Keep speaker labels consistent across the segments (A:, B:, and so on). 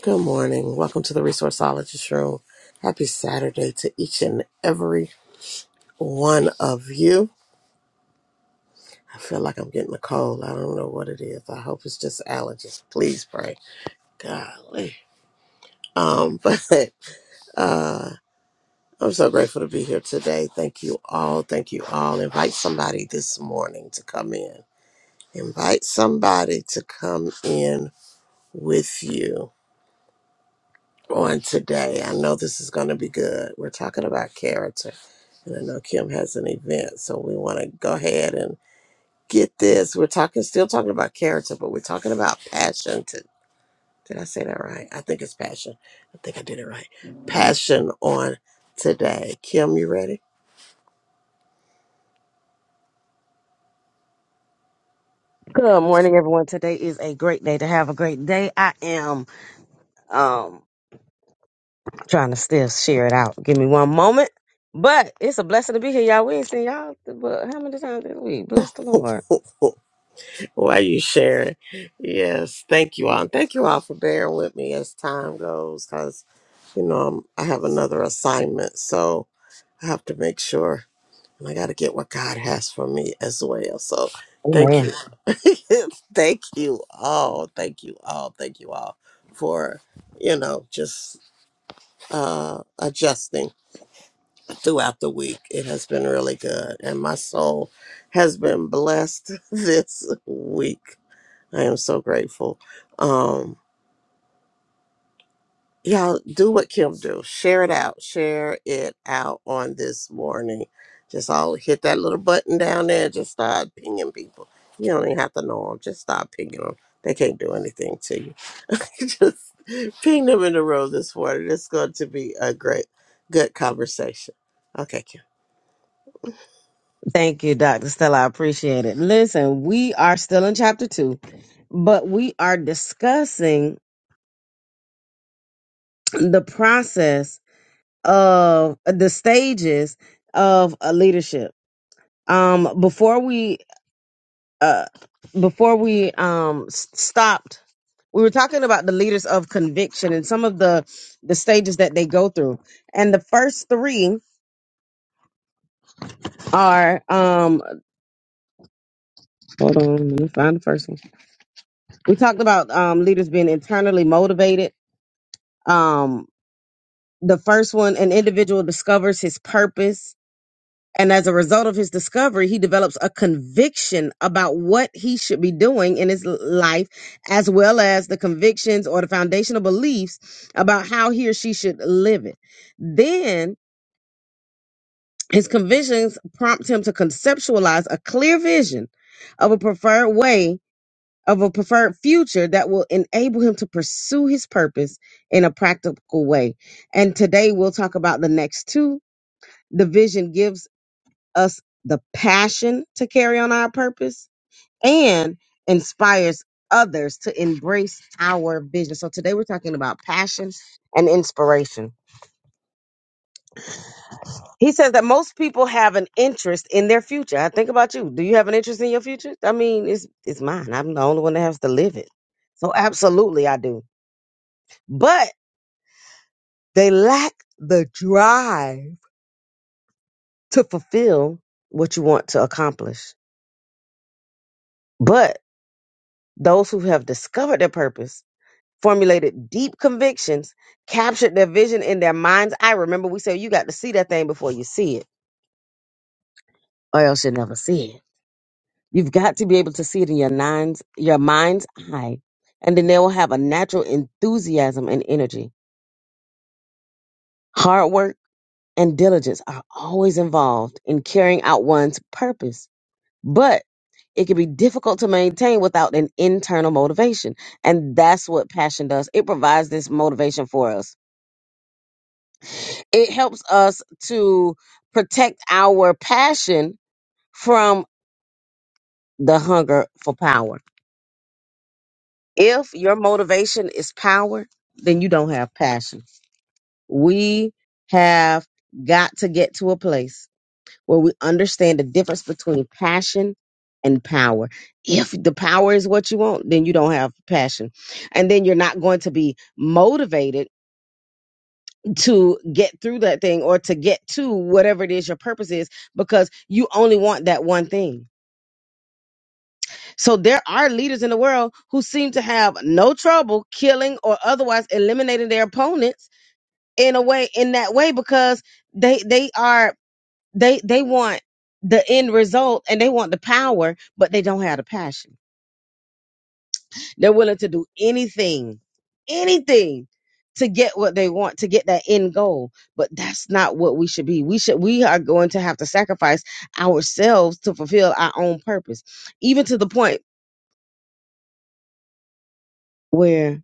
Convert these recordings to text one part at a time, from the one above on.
A: Good morning. Welcome to the Resourceologist Room. Happy Saturday to each and every one of you. I feel like I'm getting a cold. I don't know what it is. I hope it's just allergies. Please pray. Golly. Um, but uh I'm so grateful to be here today. Thank you all. Thank you all. Invite somebody this morning to come in. Invite somebody to come in with you. on today. I know this is going to be good. We're talking about character. And I know Kim has an event, so we want to go ahead and get this. We're talking, still talking about character, but we're talking about passion. To, did I say that right? I think it's passion. I think I did it right. Passion on today. Kim, you ready?
B: Good morning, everyone. Today is a great day to have a great day. I am um trying to still share it out. Give me one moment. But it's a blessing to be here, y'all. We ain't seen y'all but how many times this week? Bless the Lord.
A: Why you sharing? Yes, thank you all. And thank you all for bearing with me as time goes, because, you know, I'm, I have another assignment, so I have to make sure And I got to get what God has for me as well. So thank you.
B: Amen.
A: thank you all. Thank you all. Thank you all for, you know, just uh, adjusting throughout the week. It has been really good. And my soul has been blessed this week. I am so grateful. Um, Y'all do what Kim do. Share it out. Share it out on this morning. Just all hit that little button down there. Just start pinging people. You don't even have to know them. Just start pinging them. They can't do anything to you. just ping them in the room this morning. It's going to be a great, good conversation. Okay, Kim.
B: Thank you, Dr. Stella. I appreciate it. Listen, we are still in chapter two, but we are discussing the process of the stages of a leadership. Um, before we uh before we um s- stopped we were talking about the leaders of conviction and some of the the stages that they go through and the first three are um hold on let me find the first one we talked about um leaders being internally motivated um the first one an individual discovers his purpose and as a result of his discovery he develops a conviction about what he should be doing in his l- life as well as the convictions or the foundational beliefs about how he or she should live it then His convictions prompt him to conceptualize a clear vision of a preferred way, of a preferred future that will enable him to pursue his purpose in a practical way. And today we'll talk about the next two. The vision gives us the passion to carry on our purpose and inspires others to embrace our vision. So today we're talking about passion and inspiration. He says that most people have an interest in their future. I think about you. Do you have an interest in your future? I mean, it's it's mine. I'm the only one that has to live it. So absolutely I do. But they lack the drive to fulfill what you want to accomplish. But those who have discovered their purpose, formulated deep convictions, captured their vision in their mind's eye. Remember, we said you got to see that thing before you see it, or else you'll never see it You've got to be able to see it in your nines, your mind's eye, and then they will have a natural enthusiasm and energy. Hard work and diligence are always involved in carrying out one's purpose, but it can be difficult to maintain without an internal motivation. And that's what passion does. It provides this motivation for us. It helps us to protect our passion from the hunger for power If your motivation is power, then you don't have passion. We have got to get to a place where we understand the difference between passion and power. If the power is what you want, then you don't have passion. And then you're not going to be motivated to get through that thing or to get to whatever it is your purpose is because you only want that one thing So there are leaders in the world who seem to have no trouble killing or otherwise eliminating their opponents in a way in that way because they they are they they want the end result and they want the power, but they don't have the passion. They're willing to do anything, anything to get what they want, to get that end goal. But that's not what we should be. We should we are going to have to sacrifice ourselves to fulfill our own purpose. Even to the point where,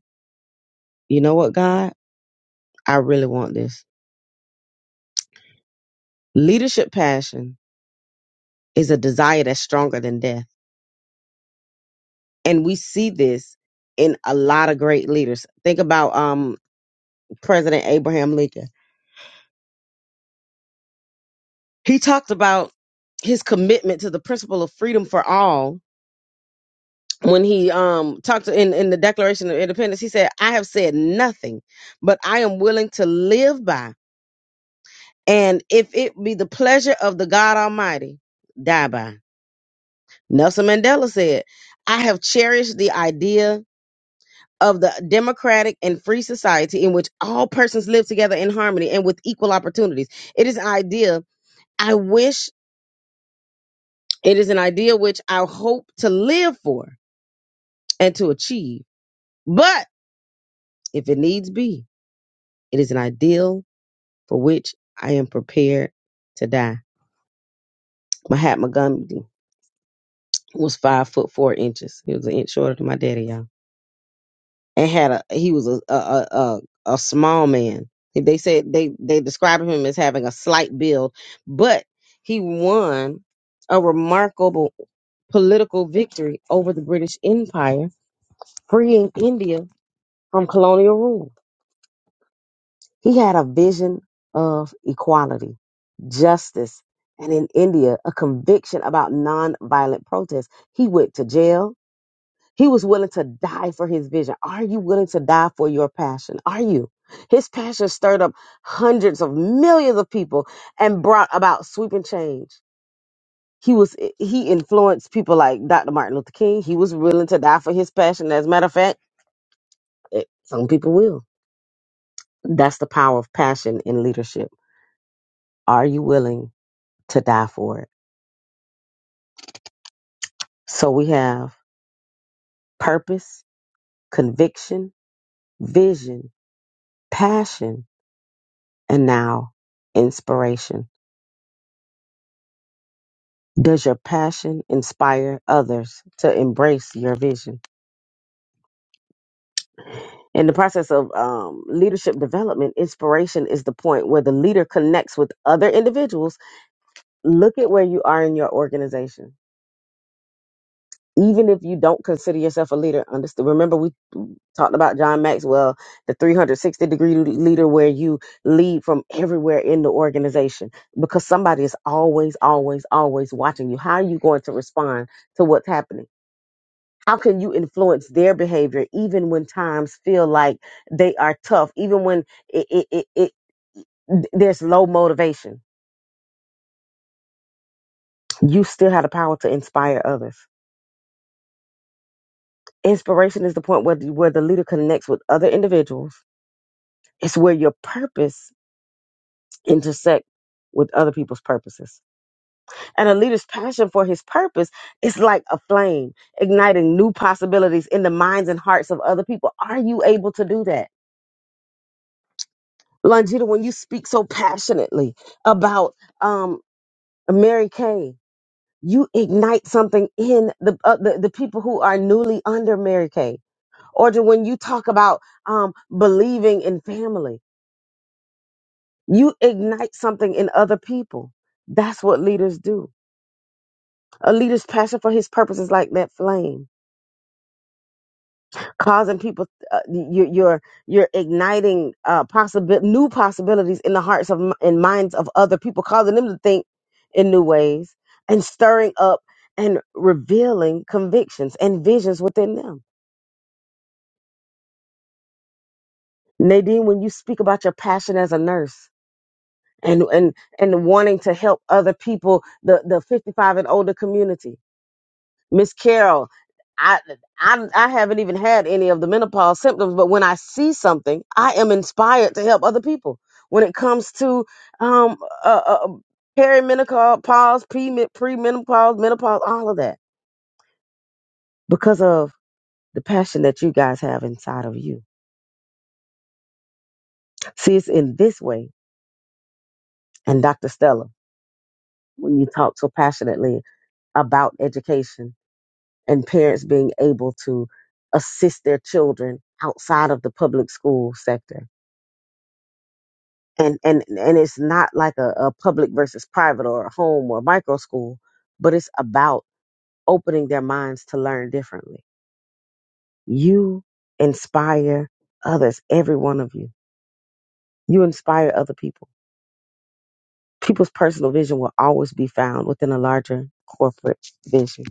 B: you know what, God? I really want this. Leadership passion is a desire that's stronger than death. And we see this in a lot of great leaders. Think about um, President Abraham Lincoln. He talked about his commitment to the principle of freedom for all when he um, talked to- in, in the Declaration of Independence. He said, I have said nothing, but I am willing to live by. And if it be the pleasure of the God Almighty, die by. Nelson Mandela said, I have cherished the idea of the democratic and free society in which all persons live together in harmony and with equal opportunities. It is an idea I wish, it is an idea which I hope to live for and to achieve. But if it needs be, it is an ideal for which I am prepared to die. Mahatma Gandhi was five foot four inches. He was an inch shorter than my daddy, y'all. and had a he was a a a, a, a small man. They said they they described him as having a slight build, but he won a remarkable political victory over the British Empire, freeing India from colonial rule. He had a vision of equality, justice, and in India, a conviction about nonviolent protest. He went to jail He was willing to die for his vision. Are you willing to die for your passion? Are you? His passion stirred up hundreds of millions of people and brought about sweeping change. He was he influenced people like Dr. Martin Luther King. He was willing to die for his passion. As a matter of fact, eh, some people will. That's the power of passion in leadership. Are you willing to die for it? So we have purpose, conviction, vision, passion, and now inspiration. Does your passion inspire others to embrace your vision? In the process of um, leadership development, inspiration is the point where the leader connects with other individuals. Look at where you are in your organization. Even if you don't consider yourself a leader, understand, remember we talked about John Maxwell, the 360 degree leader, where you lead from everywhere in the organization because somebody is always, always, always watching you. How are you going to respond to what's happening? how can you influence their behavior even when times feel like they are tough even when it, it, it, it th- there's low motivation you still have the power to inspire others inspiration is the point where the, where the leader connects with other individuals it's where your purpose intersect with other people's purposes and a leader's passion for his purpose is like a flame igniting new possibilities in the minds and hearts of other people are you able to do that Longita, when you speak so passionately about um, Mary Kay, you ignite something in the, uh, the the people who are newly under Mary Kay. Or to when you talk about um, believing in family, you ignite something in other people. That's what leaders do. A leader's passion for his purpose is like that flame. causing people uh, you're you're you're igniting uh possible new possibilities in the hearts of m- and minds of other people causing them to think in new ways and stirring up and revealing convictions and visions within them nadine when you speak about your passion as a nurse and and and wanting to help other people the the 55 and older community Miss Carol, I, I I haven't even had any of the menopause symptoms, but when I see something, I am inspired to help other people. When it comes to um uh, uh, um, perimenopause, pre premenopause, menopause, all of that, because of the passion that you guys have inside of you. See, it's in this way. And Dr. Stella, when you talk so passionately about education and parents being able to assist their children outside of the public school sector and and and it's not like a, a public versus private or a home or micro school but it's about opening their minds to learn differently you inspire others every one of you you inspire other people people's personal vision will always be found within a larger corporate vision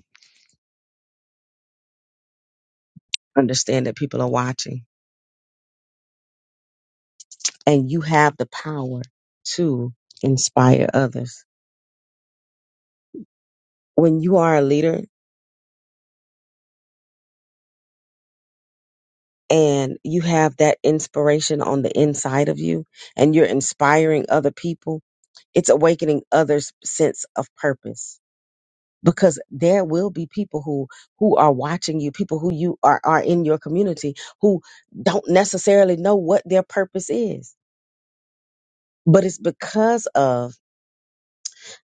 B: understand that people are watching and you have the power to inspire others when you are a leader and you have that inspiration on the inside of you and you're inspiring other people, it's awakening others' sense of purpose because there will be people who who are watching you people who you are are in your community who don't necessarily know what their purpose is but it's because of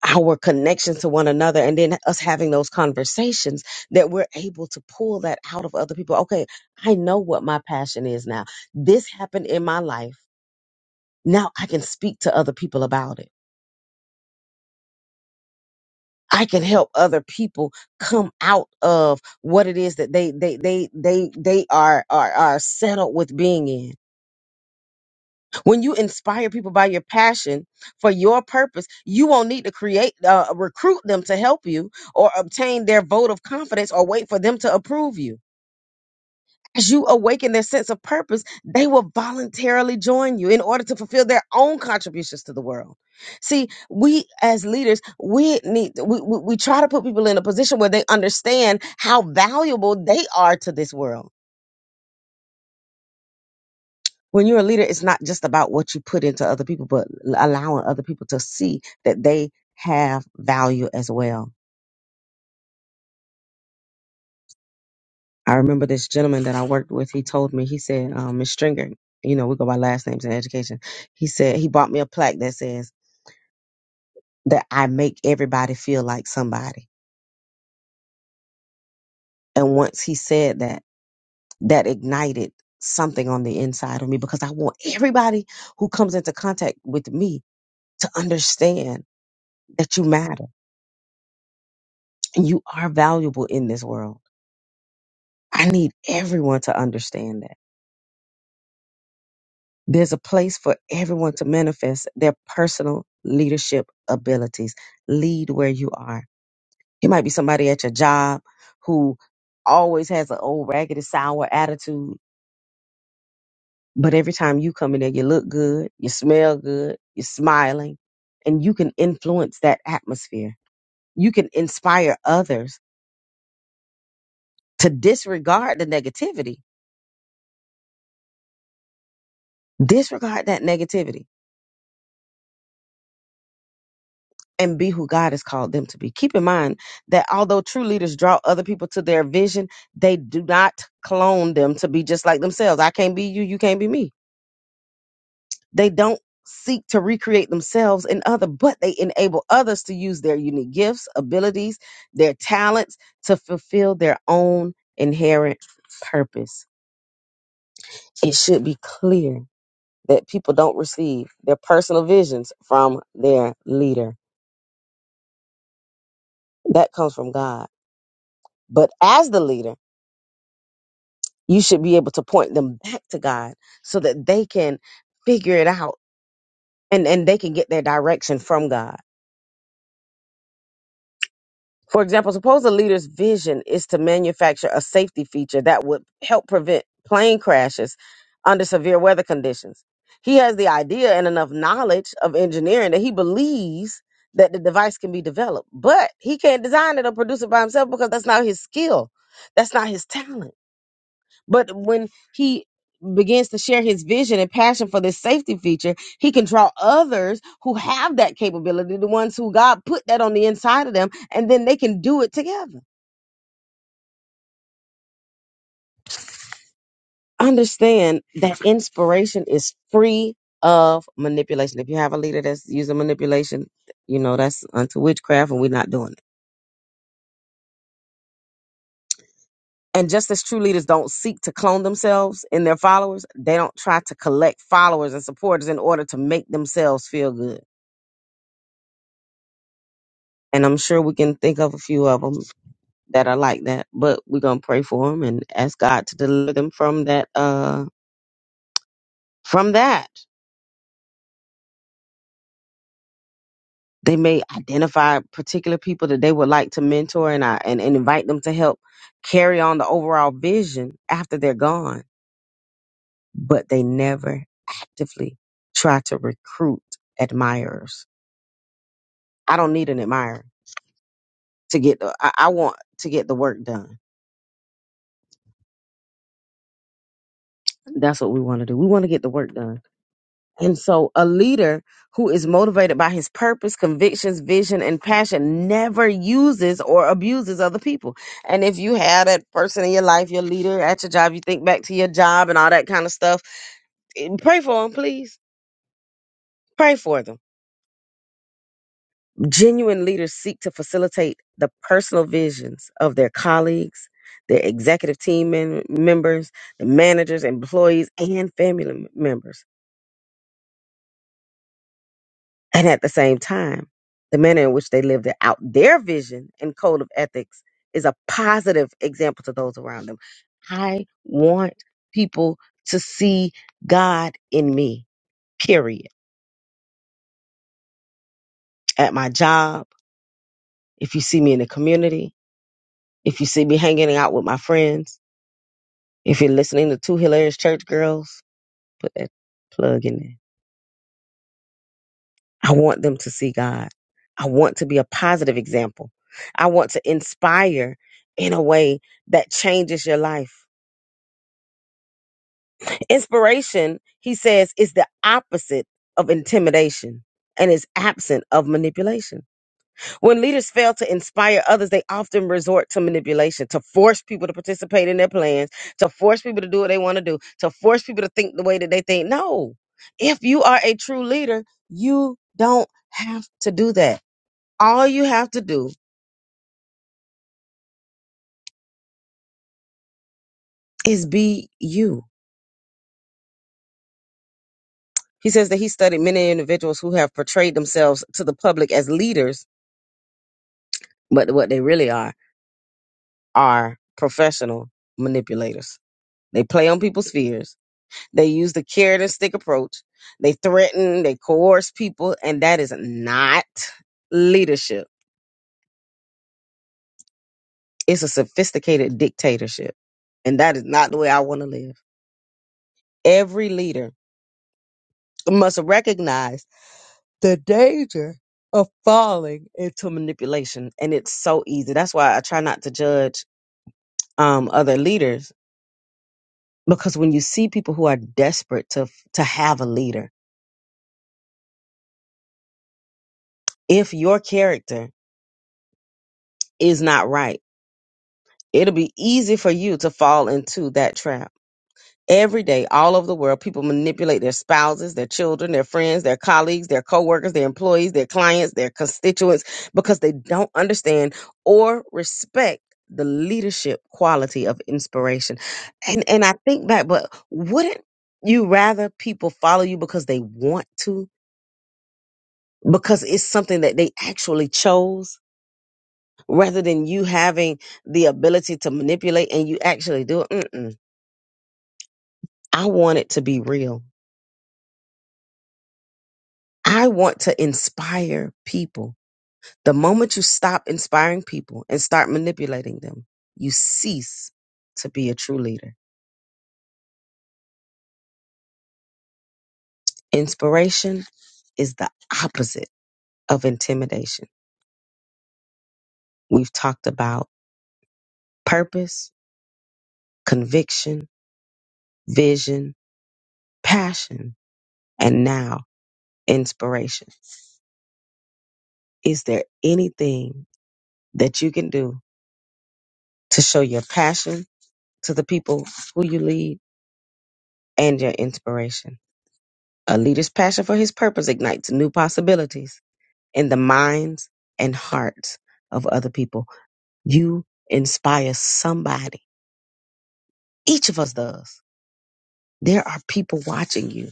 B: our connections to one another and then us having those conversations that we're able to pull that out of other people okay i know what my passion is now this happened in my life now I can speak to other people about it. I can help other people come out of what it is that they they they they they are are are settled with being in. When you inspire people by your passion for your purpose, you won't need to create uh, recruit them to help you or obtain their vote of confidence or wait for them to approve you as you awaken their sense of purpose, they will voluntarily join you in order to fulfill their own contributions to the world. See, we as leaders, we need we, we, we try to put people in a position where they understand how valuable they are to this world. When you're a leader, it's not just about what you put into other people, but allowing other people to see that they have value as well. I remember this gentleman that I worked with. He told me, he said, um, Ms. Stringer, you know, we go by last names in education. He said he bought me a plaque that says. that I make everybody feel like somebody. And once he said that, that ignited something on the inside of me because I want everybody who comes into contact with me to understand that you matter and you are valuable in this world. I need everyone to understand that. There's a place for everyone to manifest their personal leadership abilities. Lead where you are. It might be somebody at your job who always has an old raggedy sour attitude But every time you come in there, you look good, you smell good, you're smiling, and you can influence that atmosphere. You can inspire others to disregard the negativity, disregard that negativity, and be who God has called them to be. Keep in mind that although true leaders draw other people to their vision, they do not clone them to be just like themselves. I can't be you, you can't be me They don't seek to recreate themselves in other, but they enable others to use their unique gifts, abilities, their talents to fulfill their own inherent purpose. It should be clear that people don't receive their personal visions from their leader. That comes from God. But as the leader, you should be able to point them back to God so that they can figure it out and, and they can get their direction from God For example, suppose a leader's vision is to manufacture a safety feature that would help prevent plane crashes under severe weather conditions. He has the idea and enough knowledge of engineering that he believes that the device can be developed, but he can't design it or produce it by himself because that's not his skill. That's not his talent. But when he begins to share his vision and passion for this safety feature, he can draw others who have that capability, the ones who God put that on the inside of them, and then they can do it together. Understand that inspiration is free of manipulation. If you have a leader that's using manipulation, you know, that's unto witchcraft, and we're not doing it. And just as true leaders don't seek to clone themselves in their followers, they don't try to collect followers and supporters in order to make themselves feel good And I'm sure we can think of a few of them that are like that, but we're going to pray for them and ask God to deliver them from that, uh, from that. They may identify particular people that they would like to mentor and, I, and, and invite them to help carry on the overall vision after they're gone, but they never actively try to recruit admirers. I don't need an admirer to get the, I, I want to get the work done. That's what we want to do. We want to get the work done And so a leader who is motivated by his purpose, convictions, vision, and passion never uses or abuses other people. And if you have that person in your life, your leader at your job, you think back to your job and all that kind of stuff, and pray for them, please. Pray for them. Genuine leaders seek to facilitate the personal visions of their colleagues, their executive team mem- members, the managers, employees, and family mem- members. And at the same time, the manner in which they lived it out their vision and code of ethics is a positive example to those around them. I want people to see God in me, period. At my job, if you see me in the community, if you see me hanging out with my friends, if you're listening to two hilarious church girls, put that plug in there I want them to see God. I want to be a positive example. I want to inspire in a way that changes your life. Inspiration, he says, is the opposite of intimidation and is absent of manipulation. When leaders fail to inspire others, they often resort to manipulation to force people to participate in their plans, to force people to do what they want to do, to force people to think the way that they think. No. If you are a true leader, you don't have to do that. all you have to do is be you. He says that he studied many individuals who have portrayed themselves to the public as leaders, but what they really are are professional manipulators. They play on people's fears. They use the carrot and stick approach. They threaten, they coerce people, and that is not leadership. It's a sophisticated dictatorship. And that is not the way I want to live. Every leader must recognize the danger of falling into manipulation and it's so easy that's why i try not to judge um, other leaders because when you see people who are desperate to to have a leader if your character is not right it'll be easy for you to fall into that trap Every day, all over the world, people manipulate their spouses, their children, their friends, their colleagues, their coworkers, their employees, their clients, their constituents, because they don't understand or respect the leadership quality of inspiration. And and I think back, but wouldn't you rather people follow you because they want to, because it's something that they actually chose, rather than you having the ability to manipulate and you actually do it? Mm-mm. I want it to be real. I want to inspire people. The moment you stop inspiring people and start manipulating them, you cease to be a true leader. Inspiration is the opposite of intimidation. We've talked about purpose, conviction, vision, passion, and now inspiration. Is there anything that you can do to show your passion to the people who you lead and your inspiration? A leader's passion for his purpose ignites new possibilities in the minds and hearts of other people. You inspire somebody. Each of us does. There are people watching you.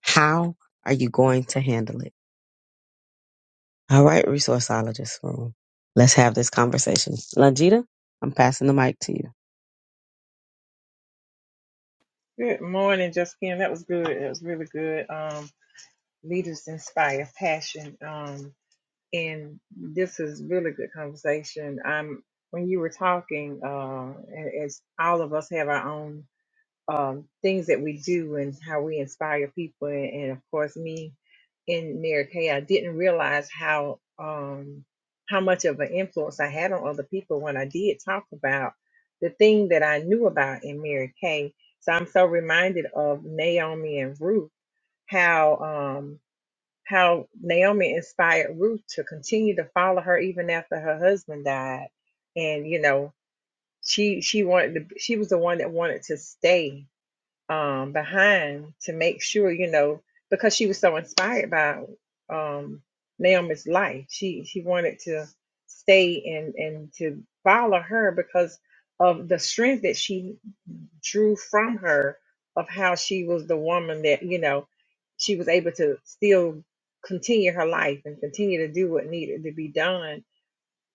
B: How are you going to handle it? All right, resourceologist room. Let's have this conversation. Lanjita, I'm passing the mic to you.
C: Good morning, Justine. That was good. That was really good. Um, leaders inspire passion. Um, and this is really good conversation. Um, when you were talking, uh, a- as all of us have our own um, things that we do and how we inspire people. And, and of course, me in Mary Kay, I didn't realize how um, how much of an influence I had on other people when I did talk about the thing that I knew about in Mary Kay. So I'm so reminded of Naomi and Ruth, how um, how Naomi inspired Ruth to continue to follow her even after her husband died, and you know she she wanted to, she was the one that wanted to stay um, behind to make sure, you know, because she was so inspired by um, Naomi's life. She she wanted to stay and and to follow her because of the strength that she drew from her of how she was the woman that you know she was able to still continue her life and continue to do what needed to be done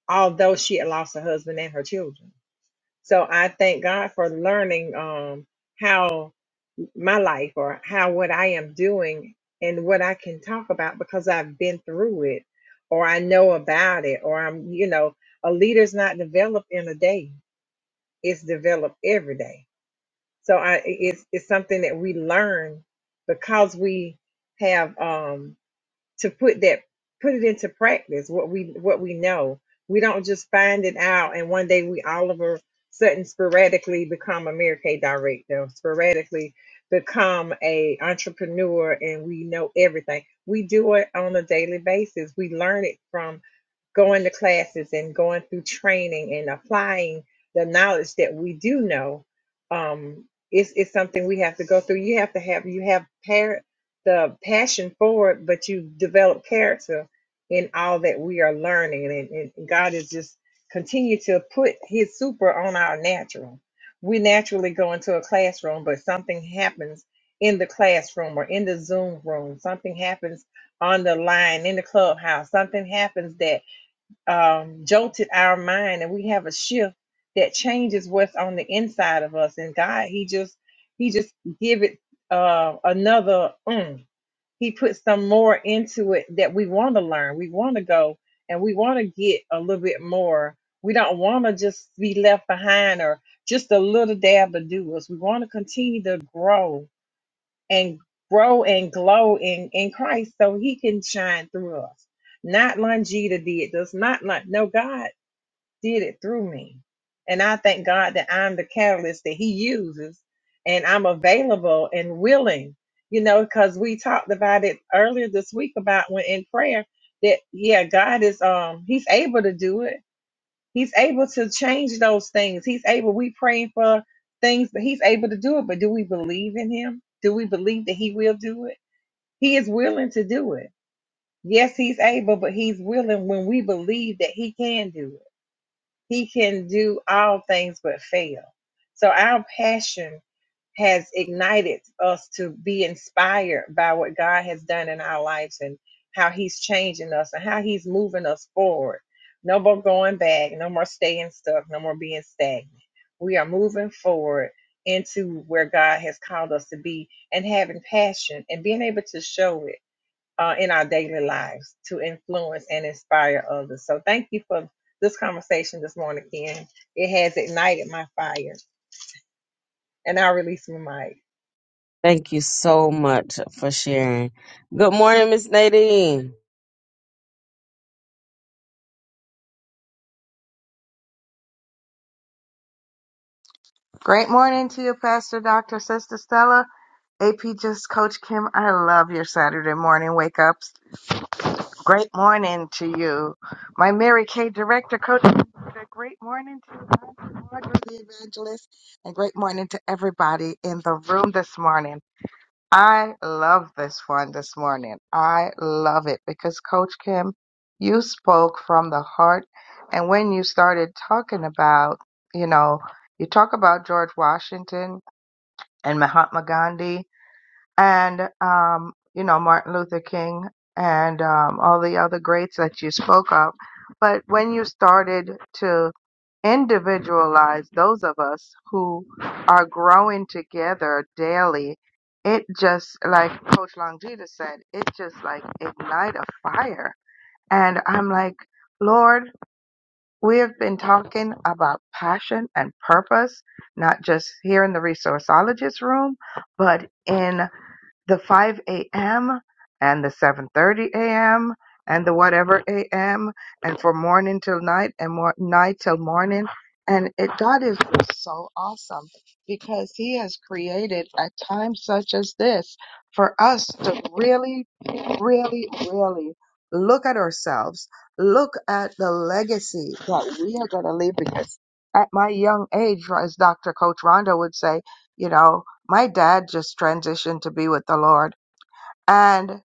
C: although she had lost her husband and her children so i thank god for learning um how my life or how what I am doing and what I can talk about because I've been through it or I know about it or I'm, you know, a leader's not developed in a day. It's developed every day. So I it's it's something that we learn because we have um to put that put it into practice what we what we know we don't just find it out and one day we all of a sudden sporadically become a Mary Kay director sporadically become a entrepreneur and we know everything we do it on a daily basis we learn it from going to classes and going through training and applying the knowledge that we do know um it's, it's something we have to go through you have to have you have par- the passion for it but you develop character in all that we are learning and, and god is just continue to put his super on our natural we naturally go into a classroom but something happens in the classroom or in the zoom room something happens on the line in the clubhouse something happens that um, jolted our mind and we have a shift that changes what's on the inside of us and god he just he just give it uh, another mm. he puts some more into it that we want to learn we want to go and we want to get a little bit more we don't want to just be left behind or just a little dab to do us we want to continue to grow and grow and glow in, in Christ so he can shine through us. Not Longita did this, not like no, God did it through me. And I thank God that I'm the catalyst that he uses and I'm available and willing, you know, because we talked about it earlier this week about when in prayer that yeah, God is um he's able to do it He's able to change those things. He's able, we praying for things, but he's able to do it. But do we believe in him? Do we believe that he will do it? He is willing to do it. Yes, he's able, but he's willing when we believe that he can do it. He can do all things but fail. So our passion has ignited us to be inspired by what God has done in our lives and how He's changing us and how He's moving us forward. No more going back, no more staying stuck, no more being stagnant. We are moving forward into where God has called us to be and having passion and being able to show it uh, in our daily lives to influence and inspire others. So thank you for this conversation this morning, Ken. It has ignited my fire, and I'll release my mic.
B: Thank you so much for sharing. Good morning, Miss Nadine.
D: Great morning to you, Pastor Dr. Sister Stella. AP just Coach Kim, I love your Saturday morning wake ups. Great morning to you. My Mary Kay director, Coach Kim, great morning to you, Pastor Audrey, the evangelist, and great morning to everybody in the room this morning. I love this one this morning. I love it because Coach Kim, you spoke from the heart. And when you started talking about, you know, you talk about George Washington and Mahatma Gandhi and um, you know Martin Luther King and um, all the other greats that you spoke of. But when you started to individualize those of us who are growing together daily, it just like Coach Longita said, it just like ignite a fire. And I'm like, Lord. We have been talking about passion and purpose, not just here in the resourceologist room, but in the 5 a.m. and the 7:30 a.m. and the whatever a.m. and for morning till night and more night till morning. And it, God is just so awesome because He has created a time such as this for us to really, really, really look at ourselves, look at the legacy that we are going to leave. Because at my young age, as Dr. Coach Rondo would say, you know my dad just transitioned to be with the Lord and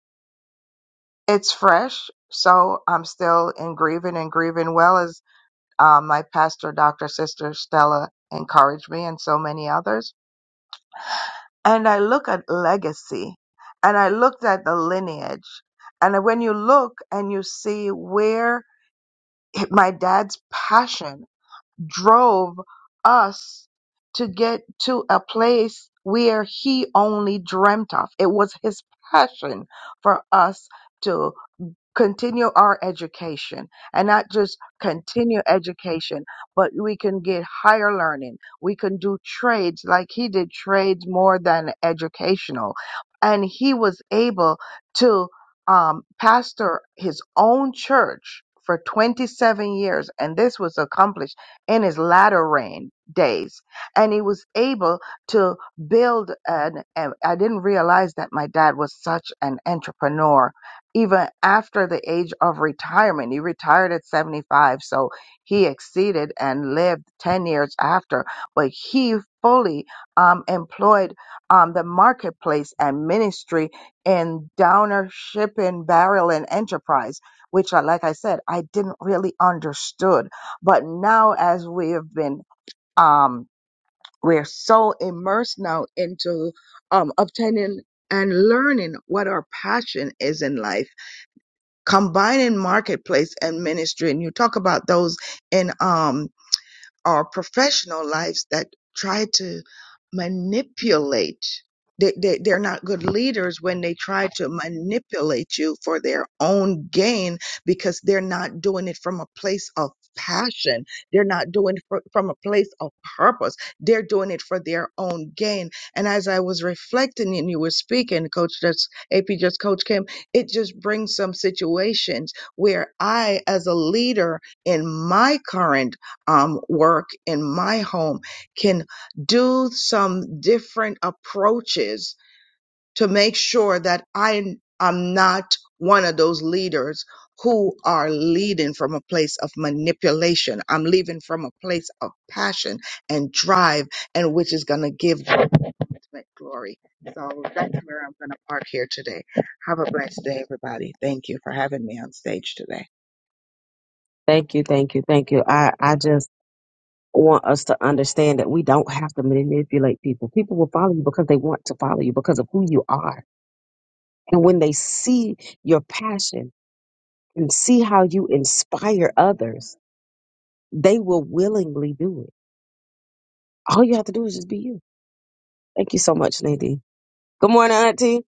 D: it's fresh. So I'm still in grieving and grieving well as uh, my pastor, Dr. Sister Stella encouraged me and so many others. And I look at legacy and I looked at the lineage. And when you look and you see where it, my dad's passion drove us to get to a place where he only dreamt of. It was his passion for us continue our education and not just continue education, but we can get higher learning. We can do trades like he did trades more than educational. And he was able to um, pastor his own church for 27 years. And this was accomplished in his latter reign days. And he was able to build an, and I didn't realize that my dad was such an entrepreneur even after the age of retirement. He retired at 75, so he exceeded and lived 10 years after. But he fully um, employed um, the marketplace and ministry in Downer Shipping Barrel and Enterprise, which, I- like I said, I didn't really understood. But now, as we have been, um, we're so immersed now into um, obtaining and learning what our passion is in life combining marketplace and ministry and you talk about those in um our professional lives that try to manipulate. They, they, they're not good leaders when they try to manipulate you for their own gain because they're not doing it from a place of passion. They're not doing it fro- from a place of purpose. They're doing it for their own gain. And as I was reflecting and you were speaking, Coach, just AP, just Coach Kim, it just brings some situations where I, as a leader in my current um, work in my home can do some different approaches to make sure that I am not one of those leaders who are leading from a place of manipulation. I'm leading from a place of passion and drive, and which is going to give the ultimate glory. So that's where I'm going to park here today. Have a blessed day, everybody. Thank you for having me on stage today.
B: Thank you, thank you, thank you. I, I just want us to understand that we don't have to manipulate people. People will follow you because they want to follow you because of who you are. And when they see your passion and see how you inspire others, they will willingly do it. All you have to do is just be you. Thank you so much, Nadine. Good morning, Auntie.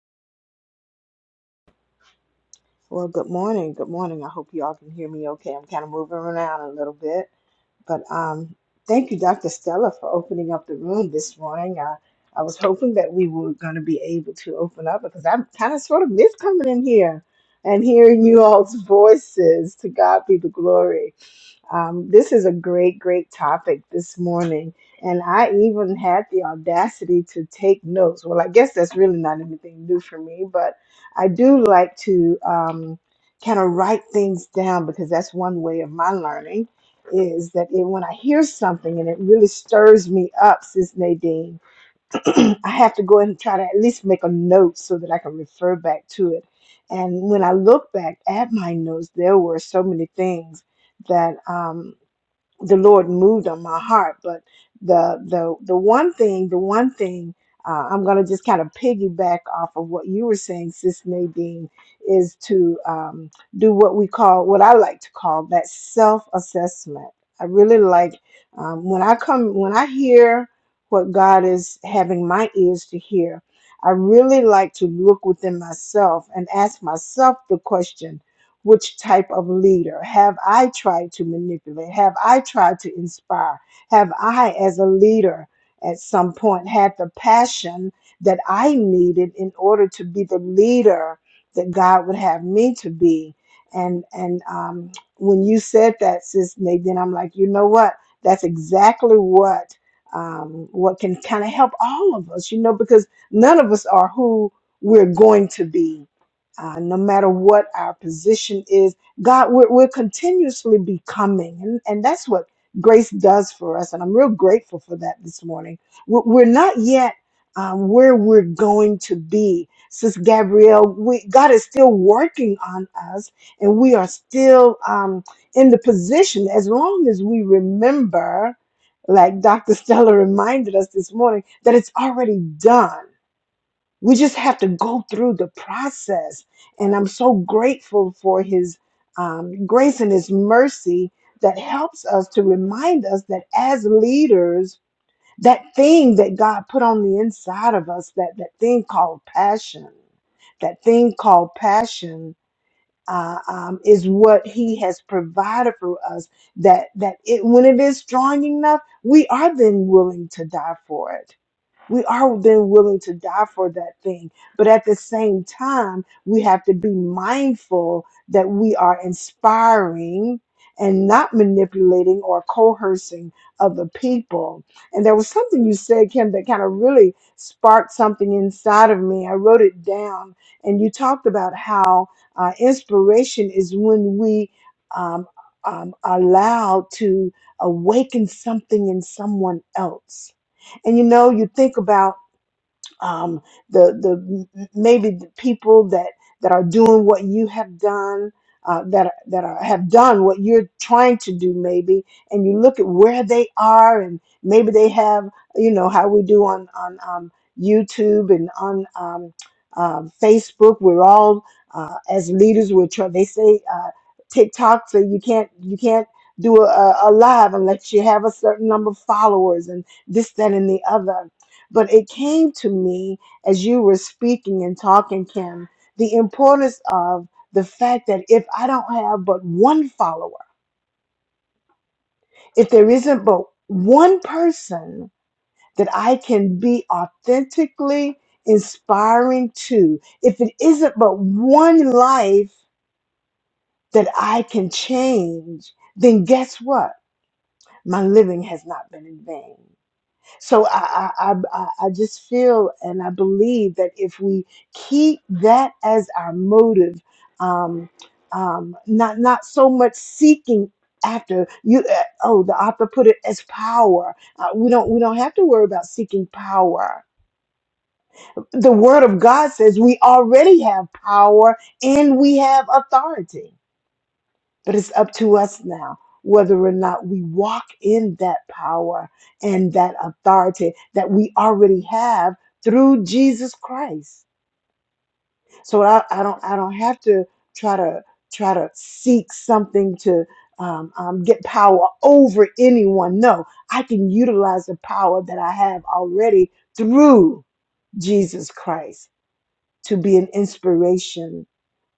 E: Well, good morning. Good morning. I hope you all can hear me okay. I'm kind of moving around a little bit. But um, thank you, Dr. Stella, for opening up the room this morning. Uh, I was hoping that we were going to be able to open up because I'm kind of sort of miss coming in here and hearing you all's voices. To God be the glory. Um, this is a great, great topic this morning. And I even had the audacity to take notes. Well, I guess that's really not anything new for me, but I do like to um, kind of write things down because that's one way of my learning is that it, when I hear something and it really stirs me up, Sis Nadine, I have to go and try to at least make a note so that I can refer back to it. And when I look back at my notes, there were so many things that. um, the Lord moved on my heart. But the the the one thing, the one thing uh, I'm going to just kind of piggyback off of what you were saying, Sis Nadine, is to um, do what we call, what I like to call that self assessment. I really like um, when I come, when I hear what God is having my ears to hear. I really like to look within myself and ask myself the question which type of leader have I tried to manipulate? Have I tried to inspire? Have I, as a leader, at some point had the passion that I needed in order to be the leader that God would have me to be? And and um, when you said that, Sis Nate, then I'm like, you know what? That's exactly what um, what can kind of help all of us, you know, because none of us are who we're going to be uh, no matter what our position is, God, we're, we're continuously becoming. And, and that's what grace does for us. And I'm real grateful for that this morning. We're, we're not yet um, where we're going to be. Sis Gabrielle, we, God is still working on us, and we are still um, in the position as long as we remember, like Dr. Stella reminded us this morning, that it's already done we just have to go through the process. And I'm so grateful for his um, grace and his mercy that helps us to remind us that as leaders, that thing that God put on the inside of us, that, that thing called passion, that thing called passion uh, um, is what he has provided for us that that it, when it is strong enough, we are then willing to die for it we are then willing to die for that thing. But at the same time, we have to be mindful that we are inspiring and not manipulating or coercing other people. And there was something you said, Kim, that kind of really sparked something inside of me. I wrote it down, and you talked about how uh, inspiration is when we um, um, allow to awaken something in someone else and you know, you think about um, the the maybe the people that that are doing what you have done, uh, that that are, have done what you're trying to do, maybe, and you look at where they are, and maybe they have, you know, how we do on on um, YouTube and on um, um Facebook. We're all uh, as leaders. We're trying. They say uh, TikTok, so you can't you can't do a, a a live unless you have a certain number of followers and this, that, and the other but it came to me as you were speaking and talking, Kim, the importance of the fact that if I don't have but one follower, if there isn't but one person that I can be authentically inspiring to, if it isn't but one life that I can change, then guess what? My living has not been in vain. So I, I, I, I just feel and I believe that if we keep that as our motive, um, um, not not so much seeking after you. Uh, oh, the author put it as power. Uh, we don't we don't have to worry about seeking power. The Word of God says we already have power and we have authority. But it's up to us now whether or not we walk in that power and that authority that we already have through Jesus Christ. So I, I don't I don't have to try to try to seek something to um, um, get power over anyone. No, I can utilize the power that I have already through Jesus Christ to be an inspiration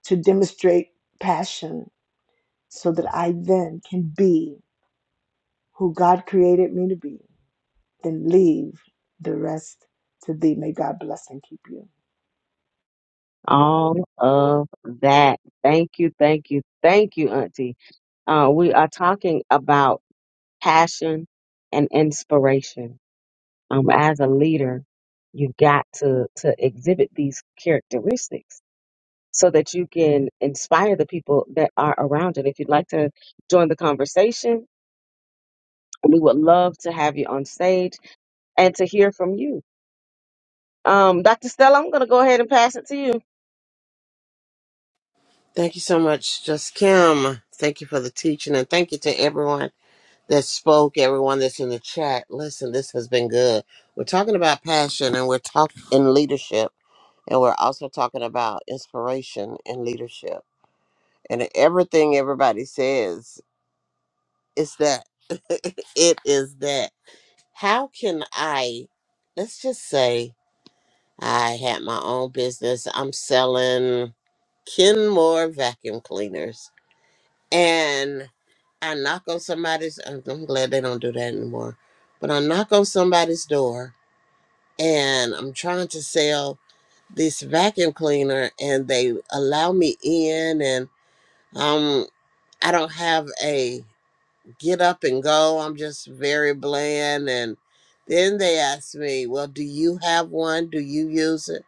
E: to demonstrate passion so that I then can be who God created me to be, then leave the rest to Thee. May God bless and keep you.
B: All of that. Thank you, thank you, thank you, Auntie. Uh, we are talking about passion and inspiration. um, as a leader, you've got to to exhibit these characteristics so that you can inspire the people that are around it. If you'd like to join the conversation, we would love to have you on stage and to hear from you. Um, Dr. Stella, I'm going to go ahead and pass it to you.
A: Thank you so much, Just Kim. Thank you for the teaching, and thank you to everyone that spoke, everyone that's in the chat. Listen, this has been good. We're talking about passion and we're talking in leadership, and we're also talking about inspiration and leadership. And everything everybody says is that it is that. How can I, let's just say, I had my own business, I'm selling Kenmore vacuum cleaners and I knock on somebody's. I'm I'm glad they don't do that anymore, but I knock on somebody's door, and I'm trying to sell this vacuum cleaner, and they allow me in, and um, I don't have a get up and go. I'm just very bland, and then they ask me, "Well, do you have one? Do you use it?"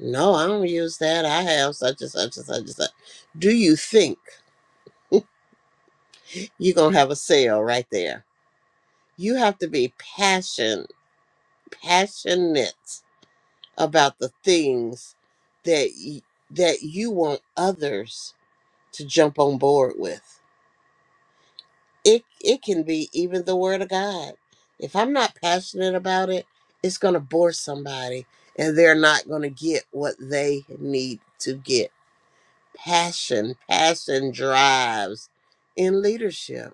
A: No, I don't use that. I have such and such and such and such. Do you think you're gonna have a sale right there? you have to be passion passionate about the things that y- that you want others to jump on board with it it can be even the word of god if i'm not passionate about it it's going to bore somebody and they're not going to get what they need to get passion passion drives in leadership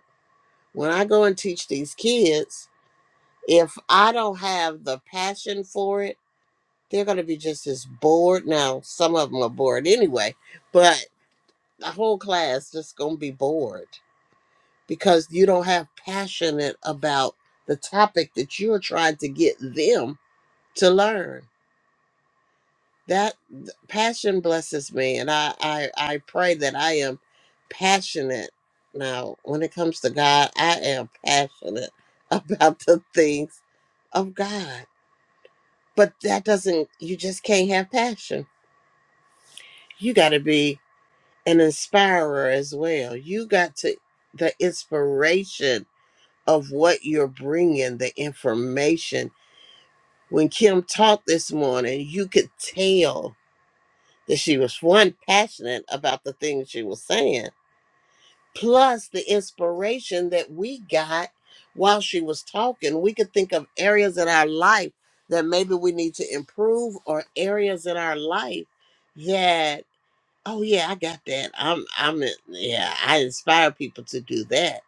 A: when i go and teach these kids if i don't have the passion for it They're going to be just as bored. Now, some of them are bored anyway, but the whole class just going to be bored because you don't have passionate about the topic that you're trying to get them to learn. That th- passion blesses me, and I, I, I pray that I am passionate. Now, when it comes to God, I am passionate about the things of God. But that doesn't, you just can't have passion. You got to be an inspirer as well. You got to the inspiration of what you're bringing, the information. When Kim talked this morning, you could tell that she was one passionate about the things she was saying, plus the inspiration that we got while she was talking. We could think of areas in our life that maybe we need to improve, or areas in our life that Oh yeah, I got that. I'm I'm yeah, I inspire people to do that.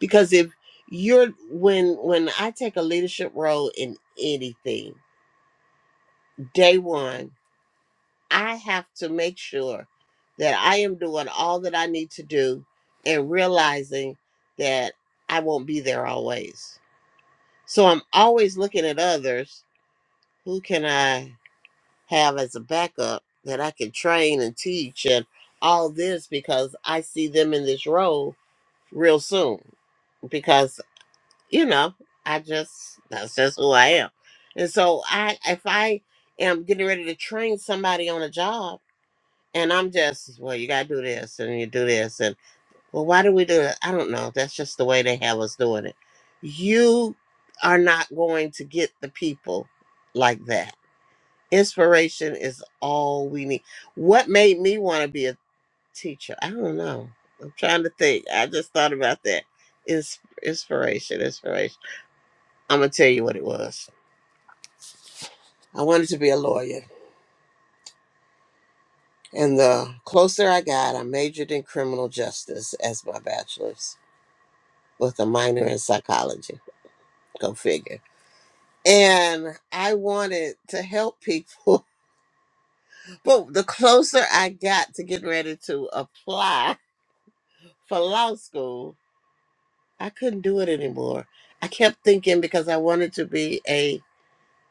A: Because if you're when when I take a leadership role in anything, day one, I have to make sure that I am doing all that I need to do and realizing that I won't be there always. So I'm always looking at others, who can I have as a backup that I can train and teach and all this because I see them in this role real soon because you know I just that's just who I am. And so I if I am getting ready to train somebody on a job and I'm just well you gotta do this and you do this and well why do we do it? I don't know. That's just the way they have us doing it. You are not going to get the people like that. Inspiration is all we need. What made me want to be a teacher. I don't know. I'm trying to think. I just thought about that. Ins- inspiration, inspiration. I'm gonna tell you what it was. I wanted to be a lawyer, and the closer I got, I majored in criminal justice as my bachelor's with a minor in psychology. Go figure. And I wanted to help people, but the closer I got to getting ready to apply for law school, I couldn't do it anymore. I kept thinking because I wanted to be a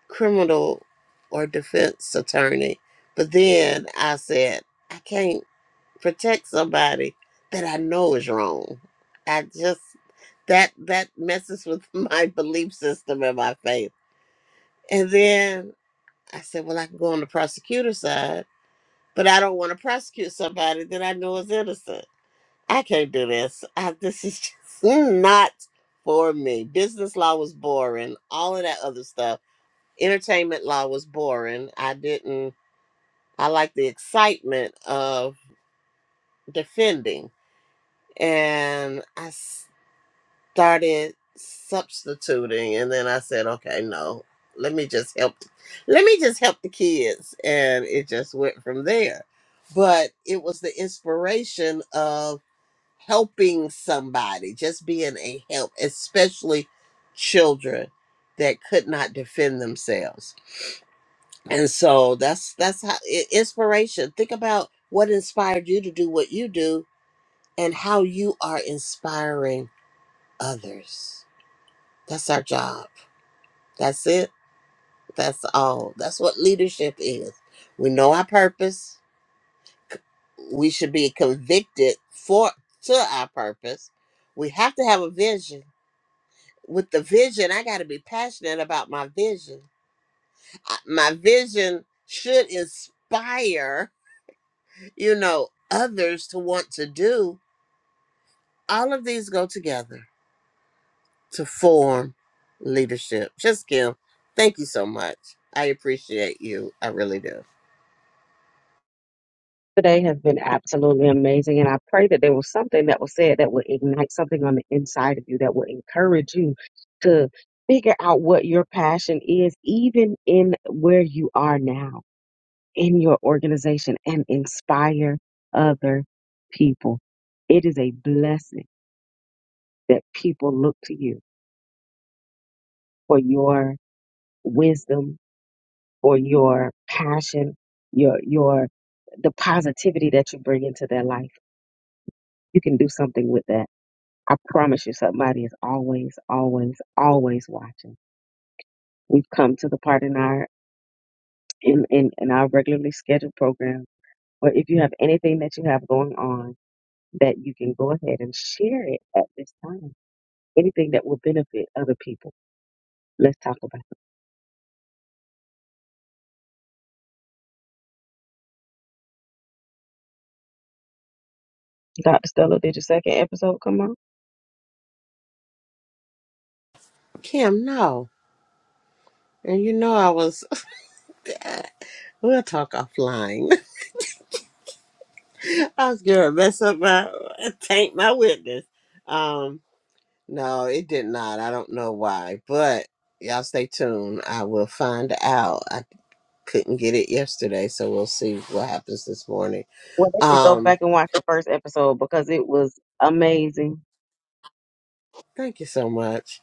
A: criminal or defense attorney. But then I said, I can't protect somebody that I know is wrong. I just that that messes with my belief system and my faith. And then I said, well, I can go on the prosecutor side, but I don't want to prosecute somebody that I know is innocent. I can't do this. I, this is just not for me. Business law was boring, all of that other stuff entertainment law was boring. I didn't, I like the excitement of defending. And I started substituting. And then I said, okay, no, let me just help. Let me just help the kids. And it just went from there. But it was the inspiration of helping somebody, just being a help, especially children that could not defend themselves and so that's that's how i- inspiration think about what inspired you to do what you do and how you are inspiring others that's our job that's it that's all that's what leadership is we know our purpose we should be convicted for to our purpose we have to have a vision with the vision i got to be passionate about my vision I- my vision should inspire you know, others to want to do. All of these go together to form leadership. Just Kim, thank you so much. I appreciate you. I really do.
B: Today has been absolutely amazing, and I pray that there was something that was said that will ignite something on the inside of you that will encourage you to figure out what your passion is, even in where you are now in your organization and inspire other people. It is a blessing that people look to you for your wisdom, for your passion, your, your, the positivity that you bring into their life. You can do something with that. I promise you somebody is always, always, always watching. We've come to the part in our, in, in, in our regularly scheduled program where if you have anything that you have going on, that you can go ahead and share it at this time. Anything that will benefit other people. Let's talk about it. Dr. Stella, did your second episode come out?
A: Kim, no. And you know I was we'll talk offline. I was gonna mess up my taint my witness. Um no, it did not. I don't know why. But y'all stay tuned. I will find out. I couldn't get it yesterday, so we'll see what happens this morning.
B: Well, they could go
A: Um
B: back and watch the first episode because it was amazing.
A: Thank you so much.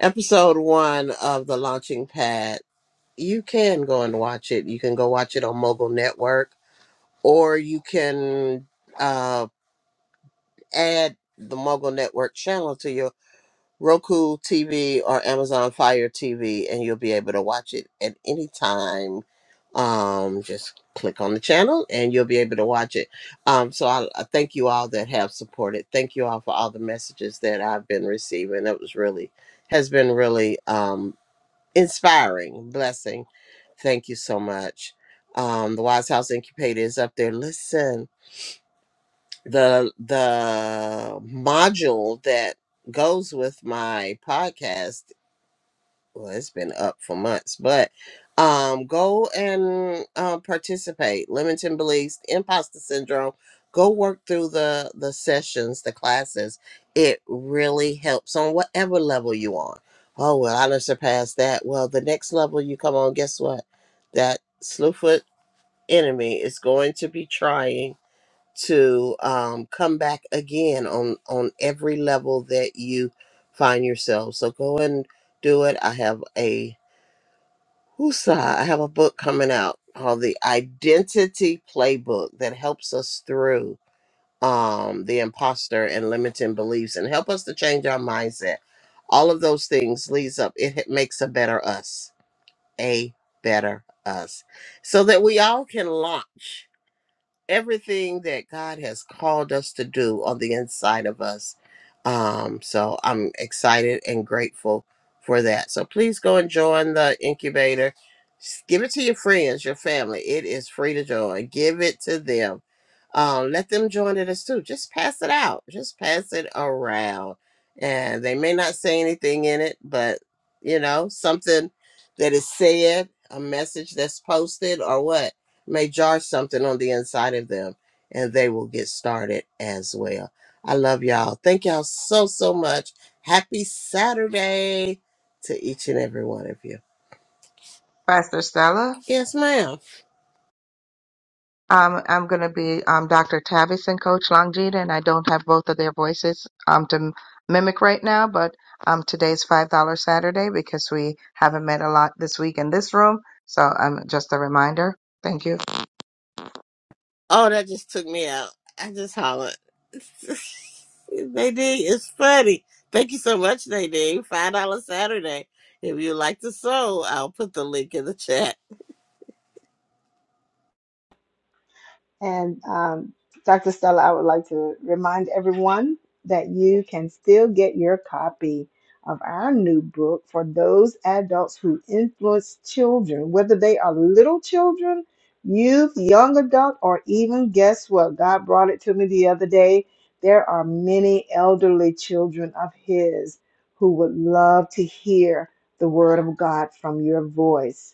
A: Episode one of The Launching Pad. You can go and watch it. You can go watch it on Mogul Network, or you can uh, add the Mogul Network channel to your Roku TV or Amazon Fire TV, and you'll be able to watch it at any time. Um, just click on the channel, and you'll be able to watch it. Um, so I, I thank you all that have supported. Thank you all for all the messages that I've been receiving. It was really has been really um, inspiring, blessing. Thank you so much. Um, the Wise House Incubator is up there. Listen, the the module that goes with my podcast well it's been up for months but um go and uh, participate limiting beliefs imposter syndrome go work through the the sessions the classes it really helps on whatever level you on oh well i done surpassed that well the next level you come on guess what that slewfoot enemy is going to be trying to um, come back again on on every level that you find yourself. So go and do it. I have a whoosah, I have a book coming out called the Identity Playbook that helps us through um, the imposter and limiting beliefs and help us to change our mindset. All of those things leads up. It h- makes a better us, a better us, so that we all can launch everything that God has called us to do on the inside of us. Um, so I'm excited and grateful for that. So please go and join the incubator. S- Give it to your friends, your family. It is free to join. Give it to them. Um, let them join it as too. Just pass it out. Just pass it around. And they may not say anything in it, but you know, something that is said, a message that's posted, or what may jar something on the inside of them and they will get started as well. I love y'all. Thank y'all so, so much. Happy Saturday to each and every one of you.
D: Pastor Stella?
A: Yes, ma'am.
D: Um, I'm going to be um, Dr. Tavis and Coach Longita, and I don't have both of their voices um, to m- mimic right now, but um, today's $5 Saturday because we haven't met a lot this week in this room. So um, just a reminder. Thank you.
A: Oh, that just took me out. I just hollered. Nadine, it's funny. Thank you so much, Nadine. Five dollars Saturday. If you like to sew, I'll put the link in the chat.
E: And um, Dr. Stella, I would like to remind everyone that you can still get your copy of our new book for those adults who influence children, whether they are little children, youth, young adult, or even guess what? God brought it to me the other day. There are many elderly children of His who would love to hear the word of God from your voice.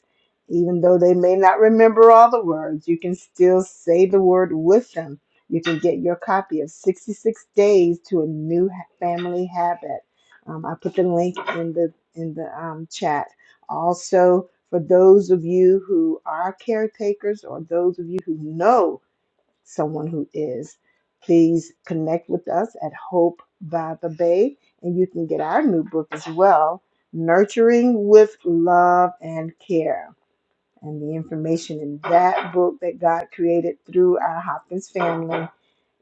E: Even though they may not remember all the words, you can still say the word with them. You can get your copy of 66 Days to a New Family Habit. Um, I put the link in the in the um, chat. Also, for those of you who are caretakers or those of you who know someone who is, please connect with us at Hope by the Bay, and you can get our new book as well, Nurturing with Love and Care. And the information in that book that God created through our Hopkins family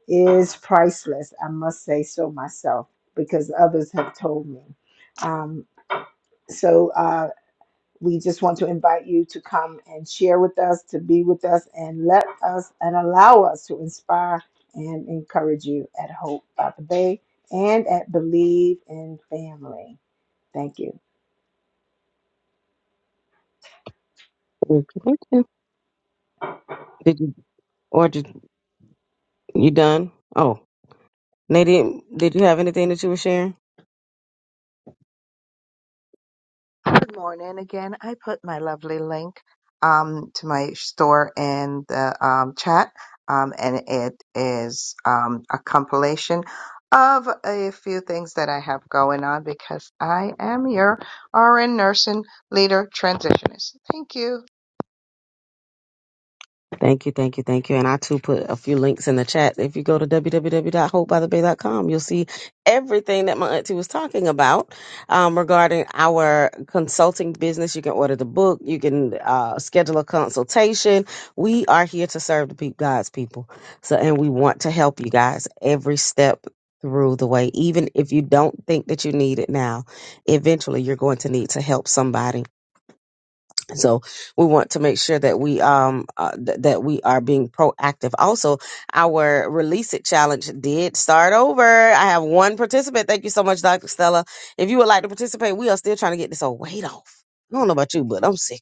E: is priceless. I must say so myself because others have told me. Um, so uh, we just want to invite you to come and share with us, to be with us, and let us and allow us to inspire and encourage you at Hope by the Bay and at Believe in Family. Thank you.
B: Okay. Did you, or did you done? Oh, Nadine, did you have anything that you were sharing?
D: Good morning again. I put my lovely link um, to my store in the um, chat, um, and it is um, a compilation of a few things that I have going on because I am your RN nursing leader transitionist. Thank you.
B: Thank you, thank you, thank you. And I too put a few links in the chat. If you go to w w w dot hope by the bay dot com, you'll see everything that my auntie was talking about um, regarding our consulting business. You can order the book, you can uh, schedule a consultation. We are here to serve the people, God's people. So, and we want to help you guys every step through the way. Even if you don't think that you need it now, eventually you're going to need to help somebody so we want to make sure that we um uh, th- that we are being proactive. Also, our release it challenge did start over. I have one participant. Thank you so much, Dr. Stella. If you would like to participate, we are still trying to get this old weight off. I don't know about you, but I'm sick.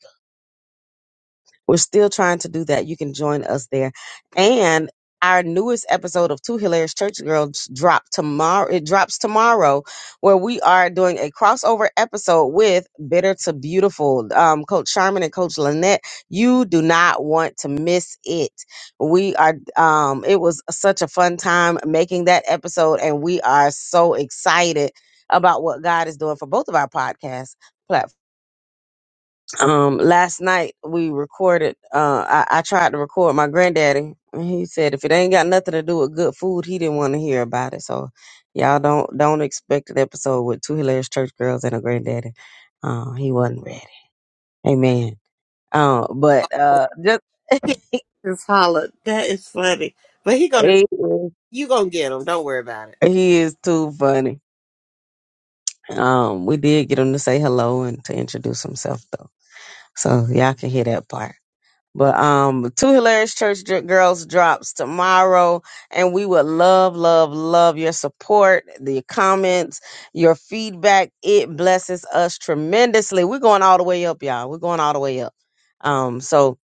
B: We're still trying to do that. You can join us there. And our newest episode of Two Hilarious Church Girls drop tomorrow. It drops tomorrow, where we are doing a crossover episode with Bitter to Beautiful. Um, Coach Sharman and Coach Lynette. You do not want to miss it. We are um it was such a fun time making that episode, and we are so excited about what God is doing for both of our podcast platforms. Um, last night we recorded. Uh, I, I tried to record my granddaddy, and he said if it ain't got nothing to do with good food, he didn't want to hear about it. So, y'all don't don't expect an episode with two hilarious church girls and a granddaddy. Uh, he wasn't ready. Amen. Uh, but uh, just
A: Just hollered. That is funny. But he gonna
B: he,
A: you gonna get him. Don't worry about it.
B: he is too funny. Um, we did get him to say hello and to introduce himself though, so y'all can hear that part. But um, two hilarious church Dr- girls drops tomorrow, and we would love, love, love your support, the comments, your feedback. It blesses us tremendously. We're going all the way up, y'all. We're going all the way up. Um, so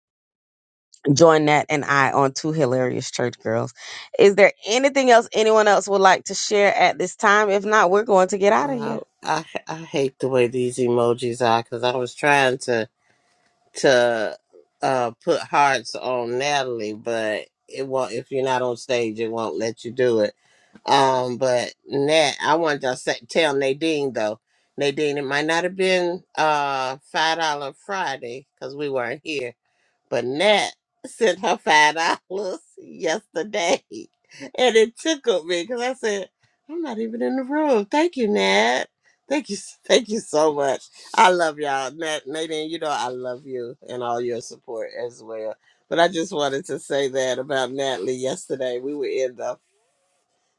B: join that and I on two hilarious church girls. Is there anything else anyone else would like to share at this time? If not, we're going to get out of here.
A: Wow, I I hate the way these emojis are because I was trying to to uh put hearts on Natalie, but it won't. If you're not on stage, it won't let you do it. Um, but Nat, I wanted to say, tell Nadine though. Nadine, it might not have been uh five dollar Friday because we weren't here, but Nat sent her five dollars yesterday, and it tickled me because I said, "I'm not even in the room." Thank you, Nat. Thank you, thank you so much. I love y'all, Nat, Nadine. You know I love you and all your support as well. But I just wanted to say that about Natalie yesterday. We were in the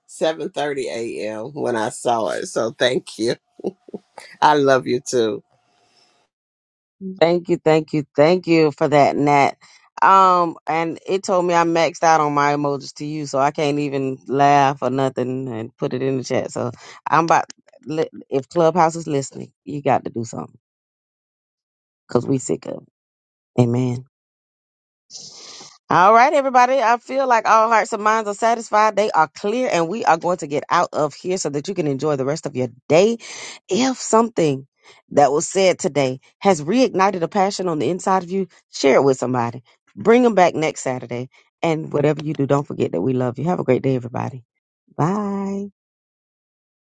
A: 7:30 a.m. when I saw it, so thank you. I love you too.
B: Thank you, thank you, thank you for that, Nat. Um, and it told me I maxed out on my emojis to you, so I can't even laugh or nothing and put it in the chat. So I'm about li- if Clubhouse is listening, you got to do something because we sick of. It. Amen. All right, everybody. I feel like all hearts and minds are satisfied. They are clear, and we are going to get out of here so that you can enjoy the rest of your day. If something that was said today has reignited a passion on the inside of you, share it with somebody. Bring them back next Saturday. And whatever you do, don't forget that we love you. Have a great day, everybody. Bye.